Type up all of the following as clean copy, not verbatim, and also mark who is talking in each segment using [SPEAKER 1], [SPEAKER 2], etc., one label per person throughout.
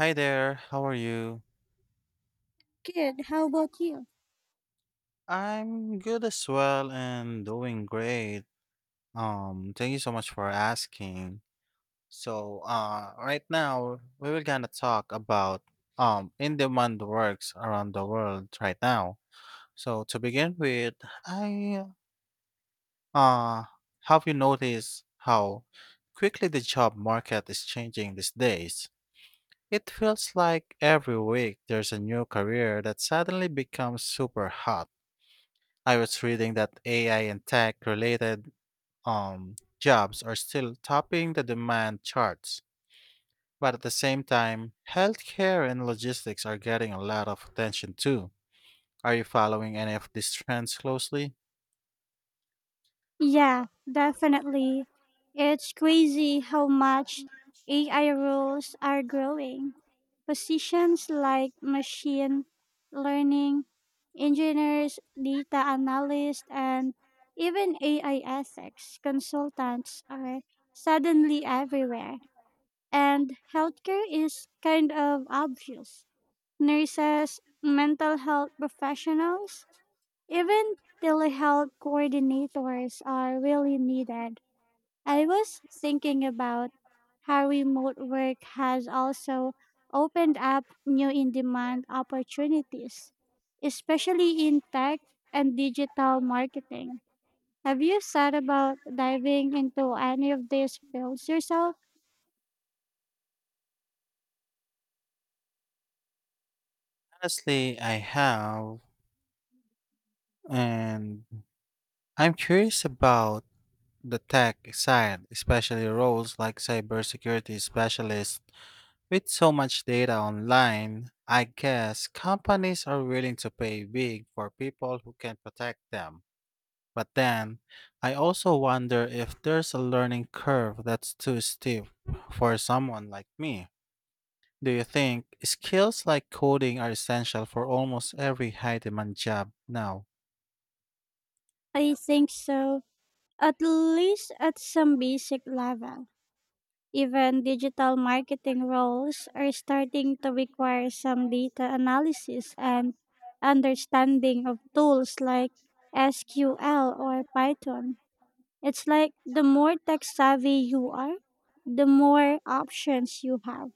[SPEAKER 1] Hi there, how are you?
[SPEAKER 2] Kid. How about you?
[SPEAKER 1] I'm good as well and doing great. Thank you so much for asking. So, right now we will gonna talk about in-demand works around the world right now. So to begin with, I uh have you noticed how quickly the job market is changing these days? It feels like every week there's a new career that suddenly becomes super hot. I was reading that AI and tech related jobs are still topping the demand charts. But at the same time, healthcare and logistics are getting a lot of attention too. Are you following any of these trends closely?
[SPEAKER 2] Yeah, definitely. It's crazy how much AI roles are growing. Positions like machine learning, engineers, data analysts, and even AI ethics consultants are suddenly everywhere. And healthcare is kind of obvious. Nurses, mental health professionals, even telehealth coordinators are really needed. I was thinking about how remote work has also opened up new in demand opportunities, especially in tech and digital marketing. Have you thought about diving into any of these fields yourself?
[SPEAKER 1] Honestly, I have, and I'm curious about the tech side, especially roles like cybersecurity specialists. With so much data online, I guess companies are willing to pay big for people who can protect them. But then, I also wonder if there's a learning curve that's too steep for someone like me. Do you think skills like coding are essential for almost every high demand job now?
[SPEAKER 2] I think so, at least at some basic level. Even digital marketing roles are starting to require some data analysis and understanding of tools like SQL or Python. It's like the more tech savvy you are, the more options you have.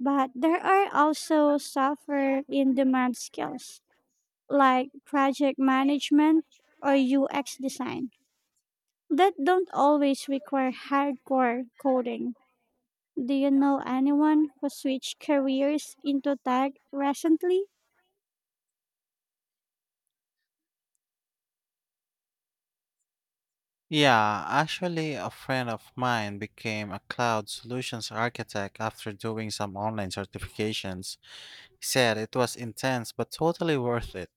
[SPEAKER 2] But there are also software in demand skills like project management or UX design that don't always require hardcore coding. Do you know anyone who switched careers into tech recently?
[SPEAKER 1] Yeah, actually, a friend of mine became a cloud solutions architect after doing some online certifications. He said it was intense but totally worth it.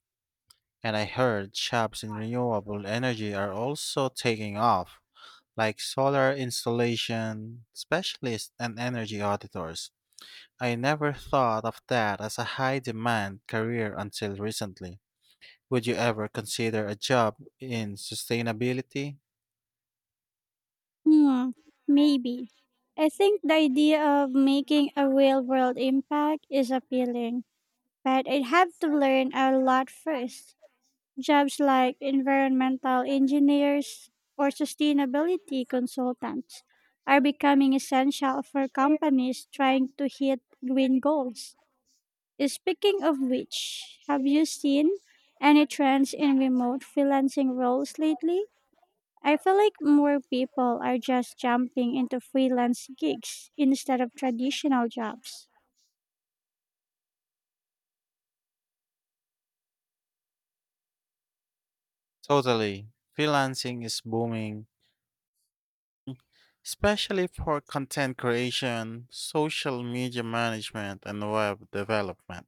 [SPEAKER 1] And I heard jobs in renewable energy are also taking off, like solar installation specialists and energy auditors. I never thought of that as a high demand career until recently. Would you ever consider a job in sustainability?
[SPEAKER 2] Hmm, maybe. I think the idea of making a real world impact is appealing, but I'd have to learn a lot first. Jobs like environmental engineers or sustainability consultants are becoming essential for companies trying to hit green goals. Speaking of which, have you seen any trends in remote freelancing roles lately? I feel like more people are just jumping into freelance gigs instead of traditional jobs.
[SPEAKER 1] Totally. Freelancing is booming, especially for content creation, social media management, and web development.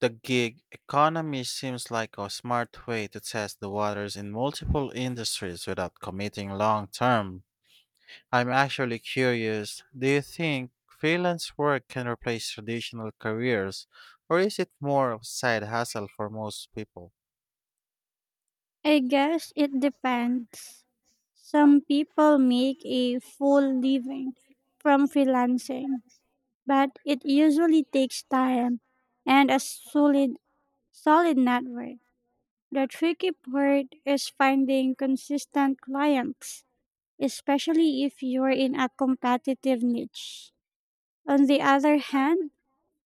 [SPEAKER 1] The gig economy seems like a smart way to test the waters in multiple industries without committing long term. I'm actually curious, do you think freelance work can replace traditional careers, or is it more of a side hustle for most people?
[SPEAKER 2] I guess it depends. Some people make a full living from freelancing, but it usually takes time and a solid network. The tricky part is finding consistent clients, especially if you're in a competitive niche. On the other hand,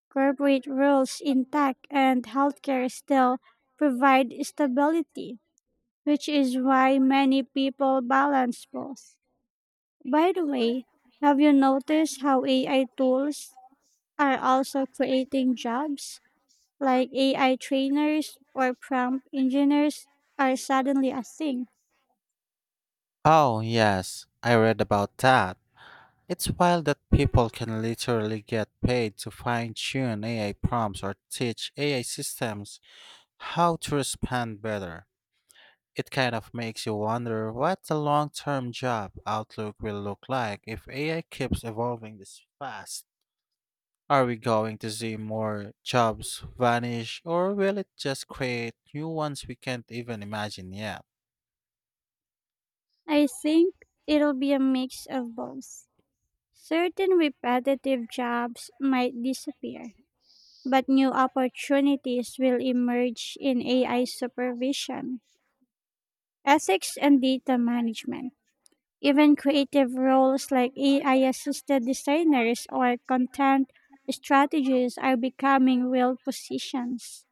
[SPEAKER 2] corporate roles in tech and healthcare still provide stability, which is why many people balance both. By the way, have you noticed how AI tools are also creating jobs? Like AI trainers or prompt engineers are suddenly a thing.
[SPEAKER 1] Oh, yes, I read about that. It's wild that people can literally get paid to fine tune AI prompts or teach AI systems how to respond better. It kind of makes you wonder what the long term job outlook will look like if AI keeps evolving this fast. Are we going to see more jobs vanish, or will it just create new ones we can't even imagine yet?
[SPEAKER 2] I think it'll be a mix of both. Certain repetitive jobs might disappear, but new opportunities will emerge in AI supervision, ethics, and data management. Even creative roles like AI assisted designers or content strategists are becoming real positions.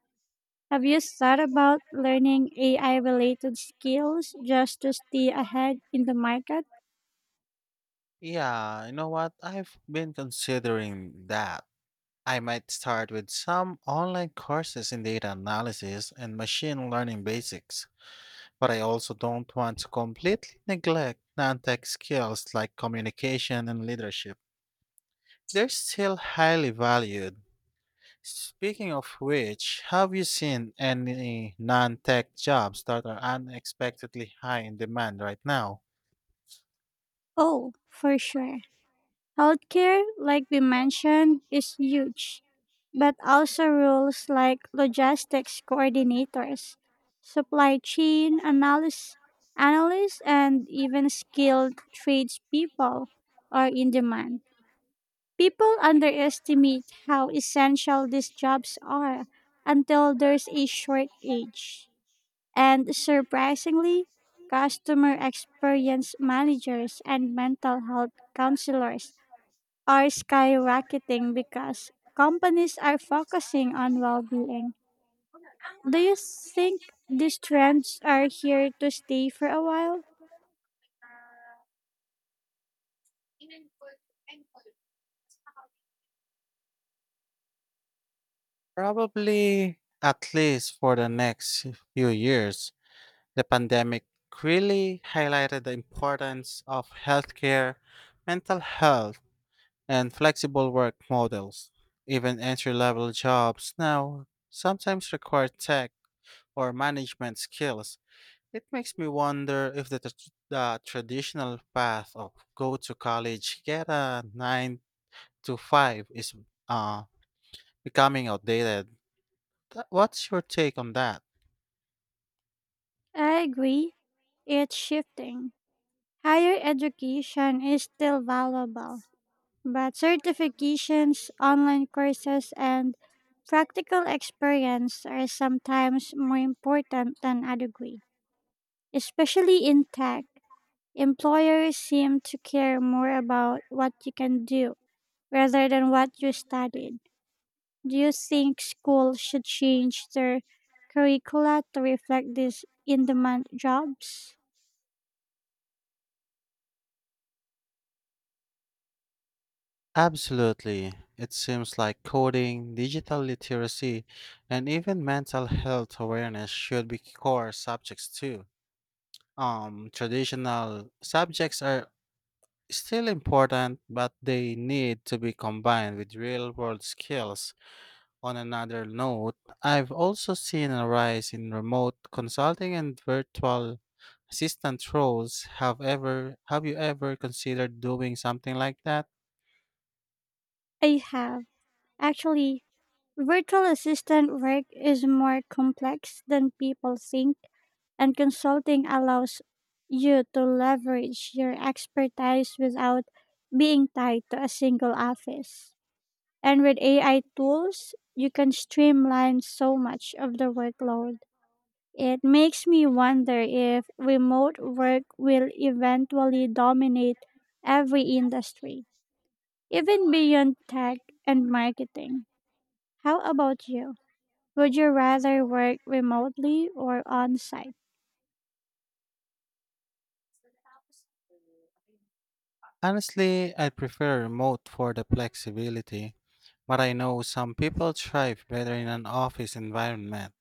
[SPEAKER 2] Have you thought about learning AI related skills just to stay ahead in the market?
[SPEAKER 1] Yeah, you know what? I've been considering that. I might start with some online courses in data analysis and machine learning basics. But I also don't want to completely neglect non tech skills like communication and leadership. They're still highly valued. Speaking of which, have you seen any non tech jobs that are unexpectedly high in demand right now?
[SPEAKER 2] Oh, for sure. Healthcare, like we mentioned, is huge, but also rules like logistics coordinators, supply chain analysts, analysts and even skilled tradespeople are in demand. People underestimate how essential these jobs are until there's a shortage. And surprisingly, customer experience managers and mental health counselors are skyrocketing because companies are focusing on well being. Do you think these trends are here to stay for a while?
[SPEAKER 1] Probably at least for the next few years. The pandemic really highlighted the importance of healthcare, mental health, and flexible work models. Even entry level jobs now sometimes require tech or management skills. It makes me wonder if the traditional path of go to college, get a 9 to 5 is uh, becoming outdated. What's your take on that?
[SPEAKER 2] I agree. It's shifting. Higher education is still valuable, but certifications, online courses, and practical experience are sometimes more important than a degree. Especially in tech, employers seem to care more about what you can do rather than what you studied. Do you think schools should change their curricula to reflect these in demand jobs?
[SPEAKER 1] Absolutely. It seems like coding, digital literacy, and even mental health awareness should be core subjects too. Traditional subjects are still important, but they need to be combined with real world skills. On another note, I've also seen a rise in remote consulting and virtual assistant roles. Have you ever considered doing something like that?
[SPEAKER 2] I have. Actually, virtual assistant work is more complex than people think, and consulting allows you to leverage your expertise without being tied to a single office. And with AI tools, you can streamline so much of the workload. It makes me wonder if remote work will eventually dominate every industry, even beyond tech and marketing. How about you? Would you rather work remotely or on site?
[SPEAKER 1] Honestly, I prefer remote for the flexibility, but I know some people thrive better in an office environment.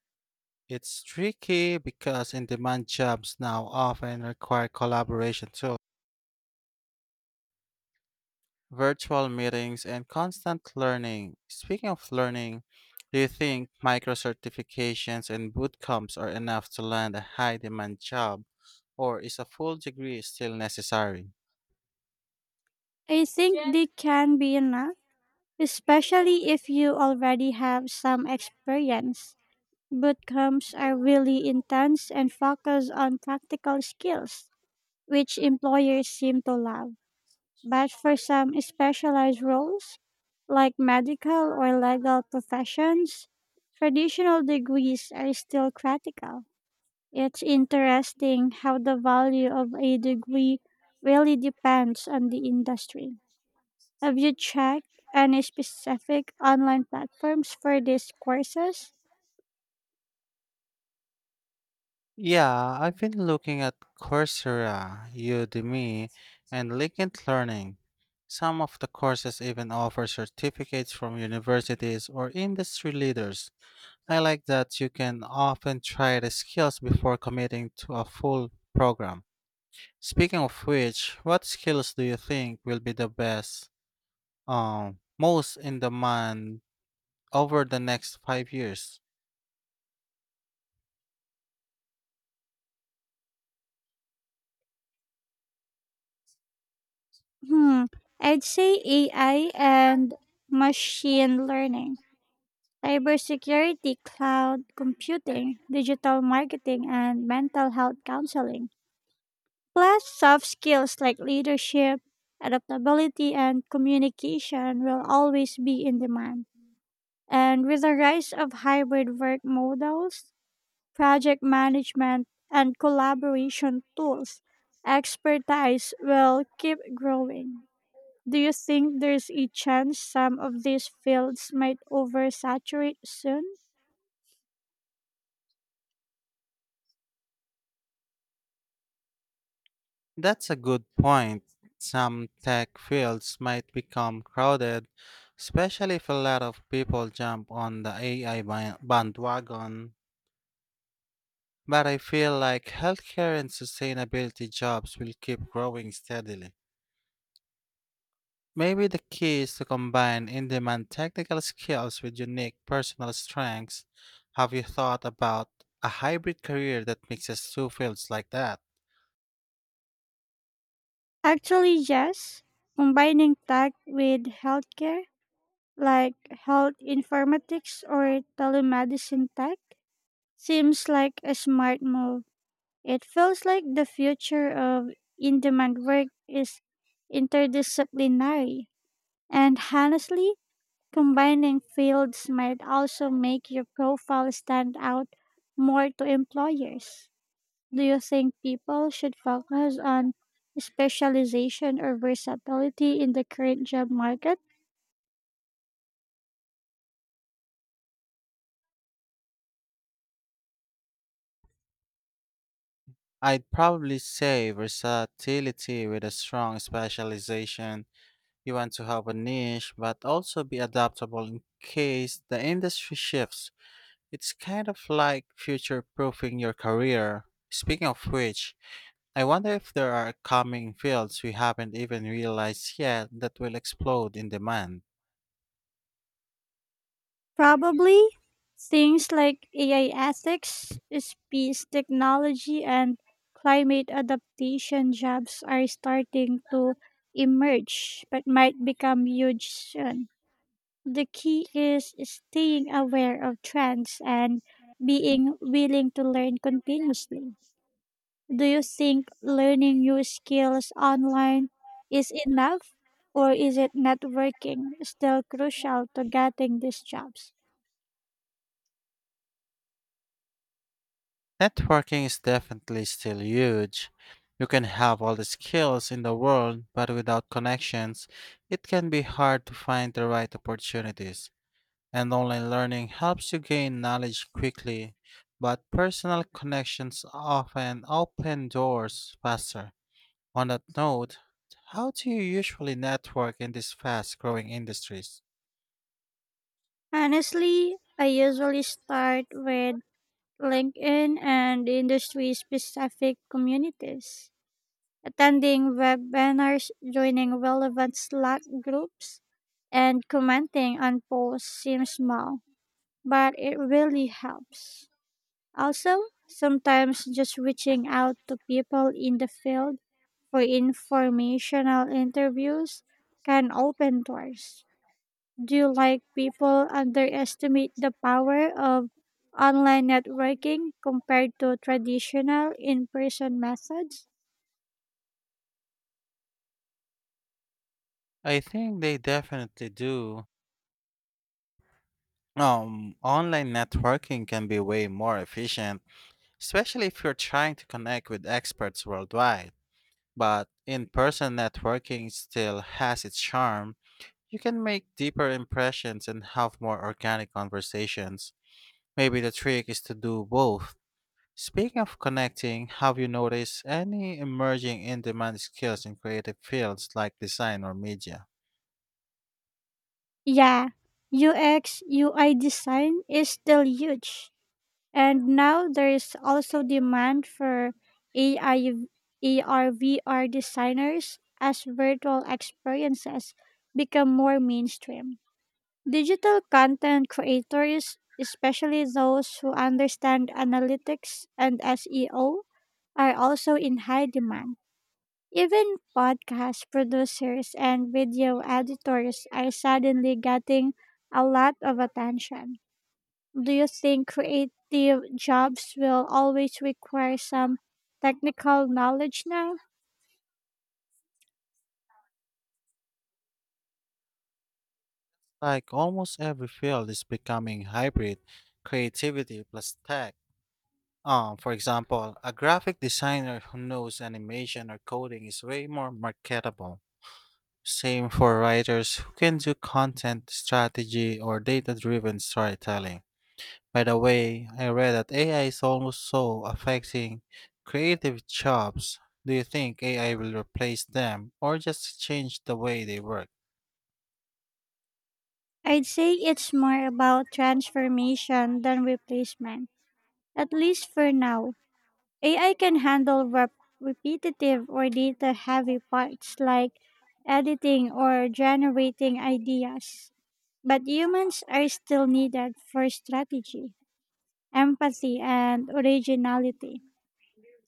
[SPEAKER 1] It's tricky because in demand jobs now often require collaboration too, virtual meetings, and constant learning. Speaking of learning, do you think micro certifications and bootcamps are enough to land a high demand job, or is a full degree still necessary?
[SPEAKER 2] I think they can be enough, especially if you already have some experience. Bootcamps are really intense and focus on practical skills, which employers seem to love. But for some specialized roles like medical or legal professions, traditional degrees are still critical. It's interesting how the value of a degree really depends on the industry. Have you checked any specific online platforms for these courses?
[SPEAKER 1] Yeah, I've been looking at Coursera, Udemy, and LinkedIn Learning. Some of the courses even offer certificates from universities or industry leaders. I like that you can often try the skills before committing to a full program. Speaking of which, what skills do you think will be the best, most in demand over the next 5 years?
[SPEAKER 2] Hmm, I'd say AI and machine learning, cybersecurity, cloud computing, digital marketing, and mental health counseling, plus soft skills like leadership, adaptability, and communication will always be in demand. And with the rise of hybrid work models, project management, and collaboration tools, expertise will keep growing. Do you think there's a chance some of these fields might oversaturate soon?
[SPEAKER 1] That's a good point. Some tech fields might become crowded, especially if a lot of people jump on the bandwagon. But I feel like healthcare and sustainability jobs will keep growing steadily. Maybe the key is to combine in demand technical skills with unique personal strengths. Have you thought about a hybrid career that mixes two fields like that?
[SPEAKER 2] Actually, yes. Combining tech with healthcare, like health informatics or telemedicine tech, seems like a smart move. It feels like the future of in demand work is interdisciplinary. And honestly, combining fields might also make your profile stand out more to employers. Do you think people should focus on specialization or versatility in the current job market?
[SPEAKER 1] I'd probably say versatility with a strong specialization. You want to have a niche, but also be adaptable in case the industry shifts. It's kind of like future proofing your career. Speaking of which, I wonder if there are coming fields we haven't even realized yet that will explode in demand.
[SPEAKER 2] Probably. Things like AI ethics, space technology, and climate adaptation jobs are starting to emerge but might become huge soon. The key is staying aware of trends and being willing to learn continuously. Do you think learning new skills online is enough, or is it networking still crucial to getting these jobs?
[SPEAKER 1] Networking is definitely still huge. You can have all the skills in the world, but without connections, it can be hard to find the right opportunities. And online learning helps you gain knowledge quickly, but personal connections often open doors faster. On that note, how do you usually network in these fast growing industries?
[SPEAKER 2] Honestly, I usually start with LinkedIn and industry specific communities, attending webinars, joining relevant Slack groups, and commenting on posts seems small, but it really helps. Also, sometimes just reaching out to people in the field for informational interviews can open doors. Do you like people underestimate the power of online networking compared to traditional in person methods?
[SPEAKER 1] I think they definitely do. Online networking can be way more efficient, especially if you're trying to connect with experts worldwide. But in person networking still has its charm. You can make deeper impressions and have more organic conversations. Maybe the trick is to do both. Speaking of connecting, have you noticed any emerging in demand skills in creative fields like design or media?
[SPEAKER 2] Yeah, UX UI design is still huge. And now there is also demand for AI, AR, VR designers as virtual experiences become more mainstream. Digital content creators, especially those who understand analytics and SEO, are also in high demand. Even podcast producers and video editors are suddenly getting a lot of attention. Do you think creative jobs will always require some technical knowledge now?
[SPEAKER 1] Like almost every field is becoming hybrid, creativity plus tech. For example, a graphic designer who knows animation or coding is way more marketable. Same for writers who can do content strategy or data driven storytelling. By the way, I read that AI is almost so affecting creative jobs. Do you think AI will replace them or just change the way they work?
[SPEAKER 2] I'd say it's more about transformation than replacement, at least for now. AI can handle repetitive or data heavy parts like editing or generating ideas, but humans are still needed for strategy, empathy, and originality.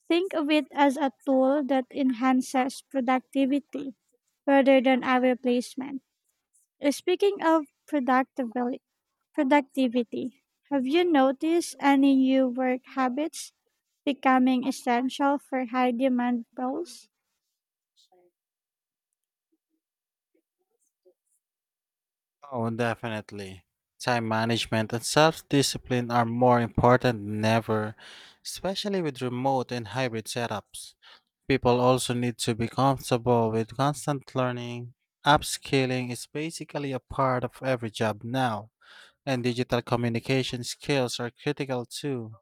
[SPEAKER 2] Think of it as a tool that enhances productivity rather than a replacement. Speaking of productivity, have you noticed any new work habits becoming essential for high demand roles?
[SPEAKER 1] Oh, definitely. Time management and self discipline are more important than ever, especially with remote and hybrid setups. People also need to be comfortable with constant learning. Upskilling is basically a part of every job now, and digital communication skills are critical too.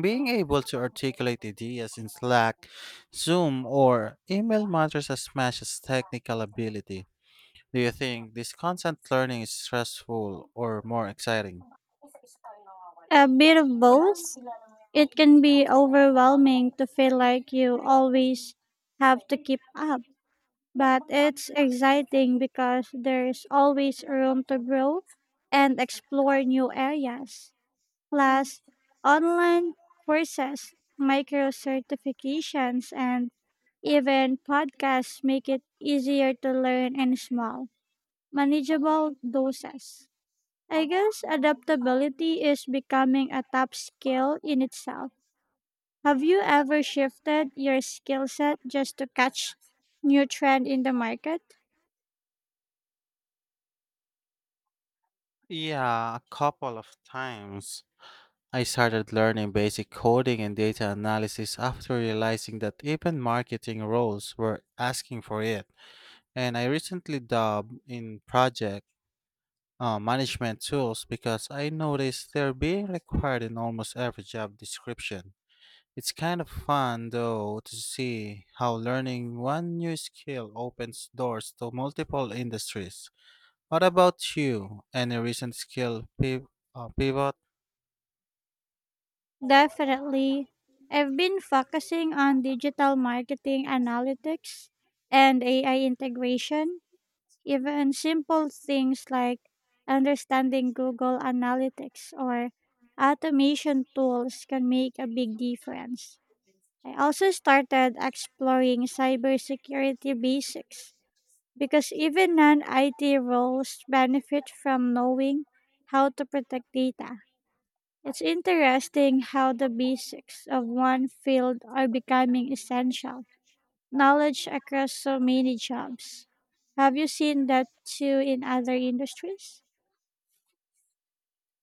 [SPEAKER 1] Being able to articulate ideas in Slack, Zoom, or email matters as much as technical ability. Do you think this constant learning is stressful or more exciting?
[SPEAKER 2] A bit of both. It can be overwhelming to feel like you always have to keep up, but it's exciting because there's always room to grow and explore new areas. Plus, online courses, micro certifications, and even podcasts make it easier to learn in small, manageable doses. I guess adaptability is becoming a top skill in itself. Have you ever shifted your skill set just to catch new trend in the market?
[SPEAKER 1] Yeah, a couple of times. I started learning basic coding and data analysis after realizing that even marketing roles were asking for it. And I recently dabbled in project management tools because I noticed they're being required in almost every job description. It's kind of fun, though, to see how learning one new skill opens doors to multiple industries. What about you? Any recent pivot?
[SPEAKER 2] Definitely. I've been focusing on digital marketing analytics and AI integration. Even simple things like understanding Google Analytics or automation tools can make a big difference. I also started exploring cybersecurity basics because even non IT roles benefit from knowing how to protect data. It's interesting how the basics of one field are becoming essential knowledge across so many jobs. Have you seen that too in other industries?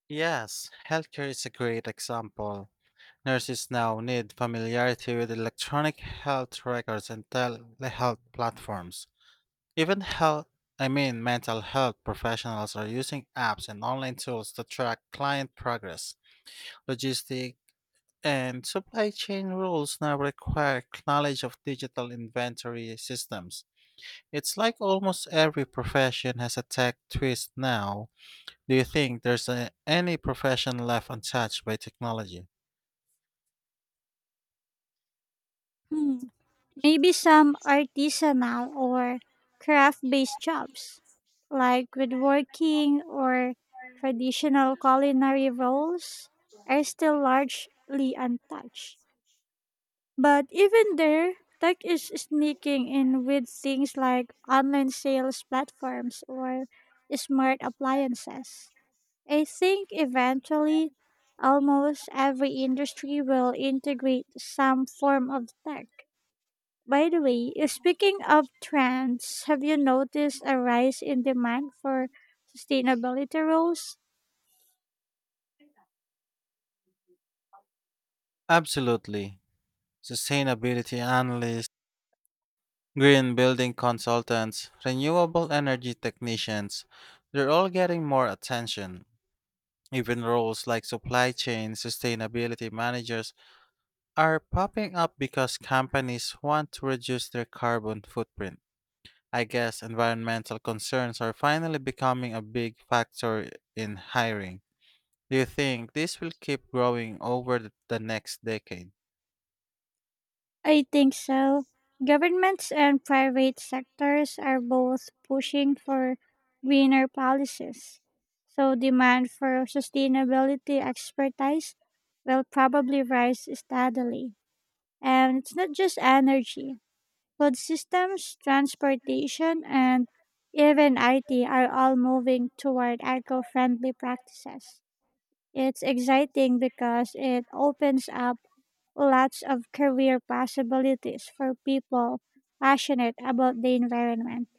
[SPEAKER 1] Yes, healthcare is a great example. Nurses now need familiarity with electronic health records and telehealth platforms. Even mental health professionals are using apps and online tools to track client progress, logistics, and supply chain rules now require knowledge of digital inventory systems. It's like almost every profession has a tech twist now. Do you think there's any profession left untouched by technology?
[SPEAKER 2] Hmm. Maybe some artisanal or craft based jobs, like woodworking or traditional culinary roles, are still largely untouched. But even there, tech is sneaking in with things like online sales platforms or smart appliances. I think eventually almost every industry will integrate some form of tech. By the way, speaking of trends, have you noticed a rise in demand for sustainability roles?
[SPEAKER 1] Absolutely. Sustainability analysts, green building consultants, renewable energy technicians, they're all getting more attention. Even roles like supply chain sustainability managers are popping up because companies want to reduce their carbon footprint. I guess environmental concerns are finally becoming a big factor in hiring. Do you think this will keep growing over the next decade?
[SPEAKER 2] I think so. Governments and private sectors are both pushing for greener policies, so demand for sustainability expertise will probably rise steadily. And it's not just energy. Food systems, transportation, and even IT are all moving toward eco-friendly practices. It's exciting because it opens up lots of career possibilities for people passionate about the environment.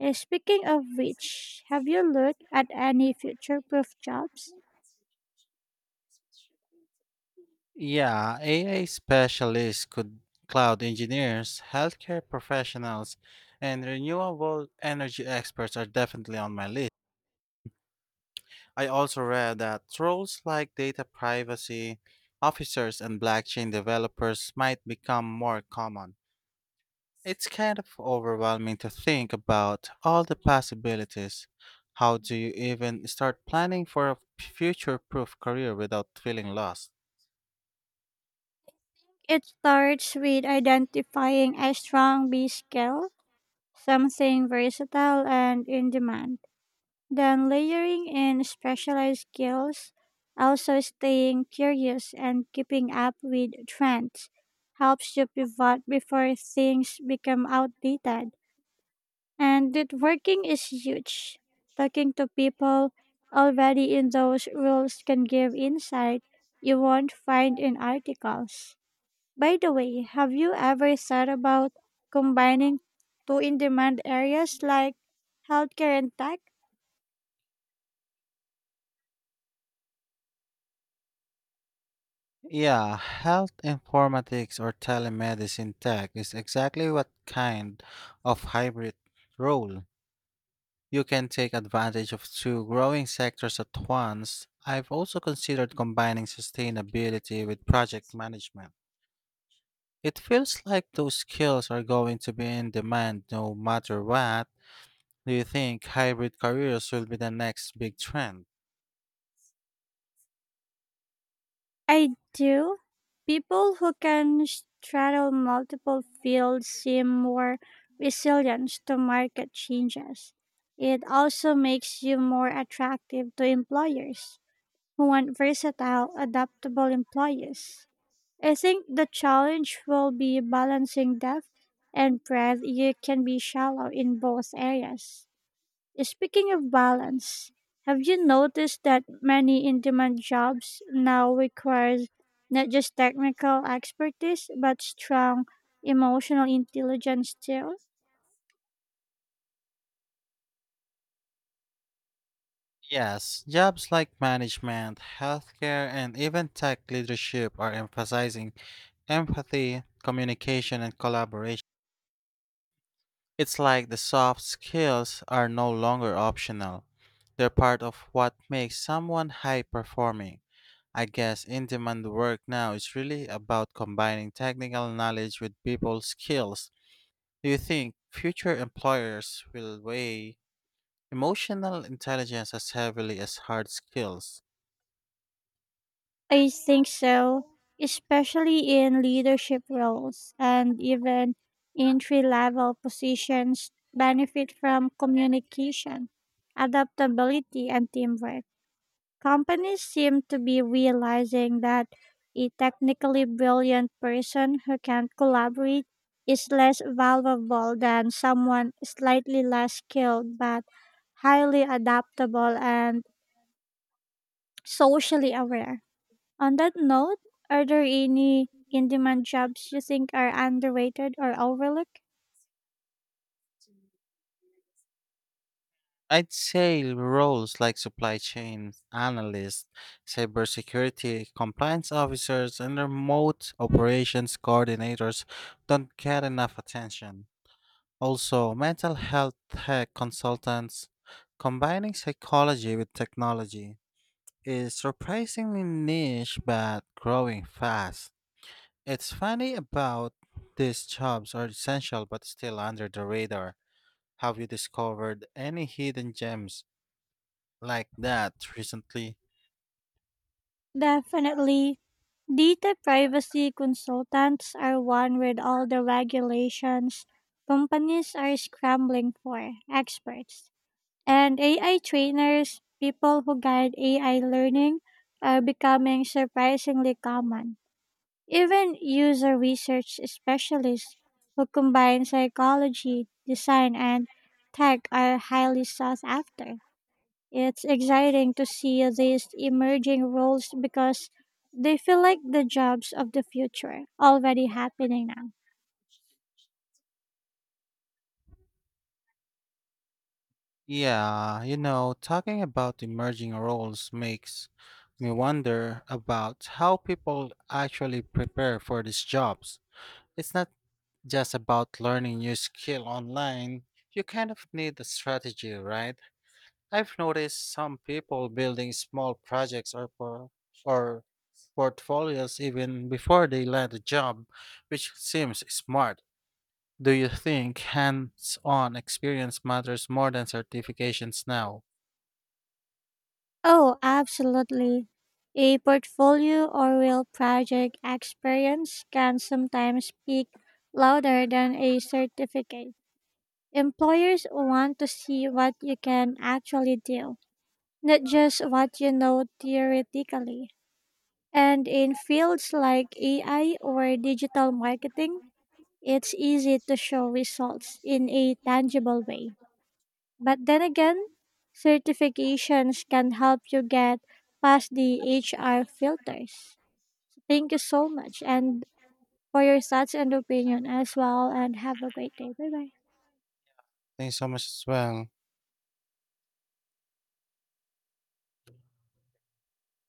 [SPEAKER 2] Speaking of which, have you looked at any future proof jobs?
[SPEAKER 1] Yeah, AI specialists could cloud engineers, healthcare professionals, and renewable energy experts are definitely on my list. I also read that roles like data privacy officers and blockchain developers might become more common. It's kind of overwhelming to think about all the possibilities. How do you even start planning for a future proof career without feeling lost?
[SPEAKER 2] It starts with identifying a strong B skill, something versatile and in demand, then layering in specialized skills. Also staying curious and keeping up with trends helps you pivot before things become outdated. And networking is huge. Talking to people already in those roles can give insight you won't find in articles. By the way, have you ever thought about combining two in demand areas like healthcare and tech?
[SPEAKER 1] Yeah, health informatics or telemedicine tech is exactly what kind of hybrid role. You can take advantage of two growing sectors at once. I've also considered combining sustainability with project management. It feels like those skills are going to be in demand no matter what. Do you think hybrid careers will be the next big trend?
[SPEAKER 2] I do. People who can straddle multiple fields seem more resilient to market changes. It also makes you more attractive to employers who want versatile, adaptable employees. I think the challenge will be balancing depth and breadth. You can be shallow in both areas. Speaking of balance, have you noticed that many in demand jobs now requires not just technical expertise but strong emotional intelligence too?
[SPEAKER 1] Yes, jobs like management, healthcare, and even tech leadership are emphasizing empathy, communication, and collaboration. It's like the soft skills are no longer optional. They're part of what makes someone high performing. I guess in demand work now is really about combining technical knowledge with people skills. Do you think future employers will weigh emotional intelligence as heavily as hard skills?
[SPEAKER 2] I think so, especially in leadership roles, and even entry level positions benefit from communication, adaptability, and teamwork. Companies seem to be realizing that a technically brilliant person who can't collaborate is less valuable than someone slightly less skilled but highly adaptable and socially aware. On that note, are there any in demand jobs you think are underrated or overlooked?
[SPEAKER 1] I'd say roles like supply chain analysts, cybersecurity compliance officers, and remote operations coordinators don't get enough attention. Also, mental health tech consultants combining psychology with technology is surprisingly niche but growing fast. It's funny about these jobs are essential but still under the radar. Have you discovered any hidden gems like that recently?
[SPEAKER 2] Definitely. Data privacy consultants are one. With all the regulations, companies are scrambling for experts. And AI trainers, people who guide AI learning, are becoming surprisingly common. Even user research specialists who combine psychology, design, and tech are highly sought after. It's exciting to see these emerging roles because they feel like the jobs of the future already happening now.
[SPEAKER 1] Yeah, you know, talking about emerging roles makes me wonder about how people actually prepare for these jobs. It's not just about learning new skill online. You kind of need a strategy, right? I've noticed some people building small projects or portfolios even before they land a job, which seems smart. Do you think hands on experience matters more than certifications now?
[SPEAKER 2] Oh, absolutely. A portfolio or real project experience can sometimes speak louder than a certificate. Employers want to see what you can actually do, not just what you know theoretically. And in fields like AI or digital marketing, it's easy to show results in a tangible way. But then again, certifications can help you get past the HR filters. Thank you so much and for your thoughts and opinion as well, and have a great day. Bye bye.
[SPEAKER 1] Thanks so much as well.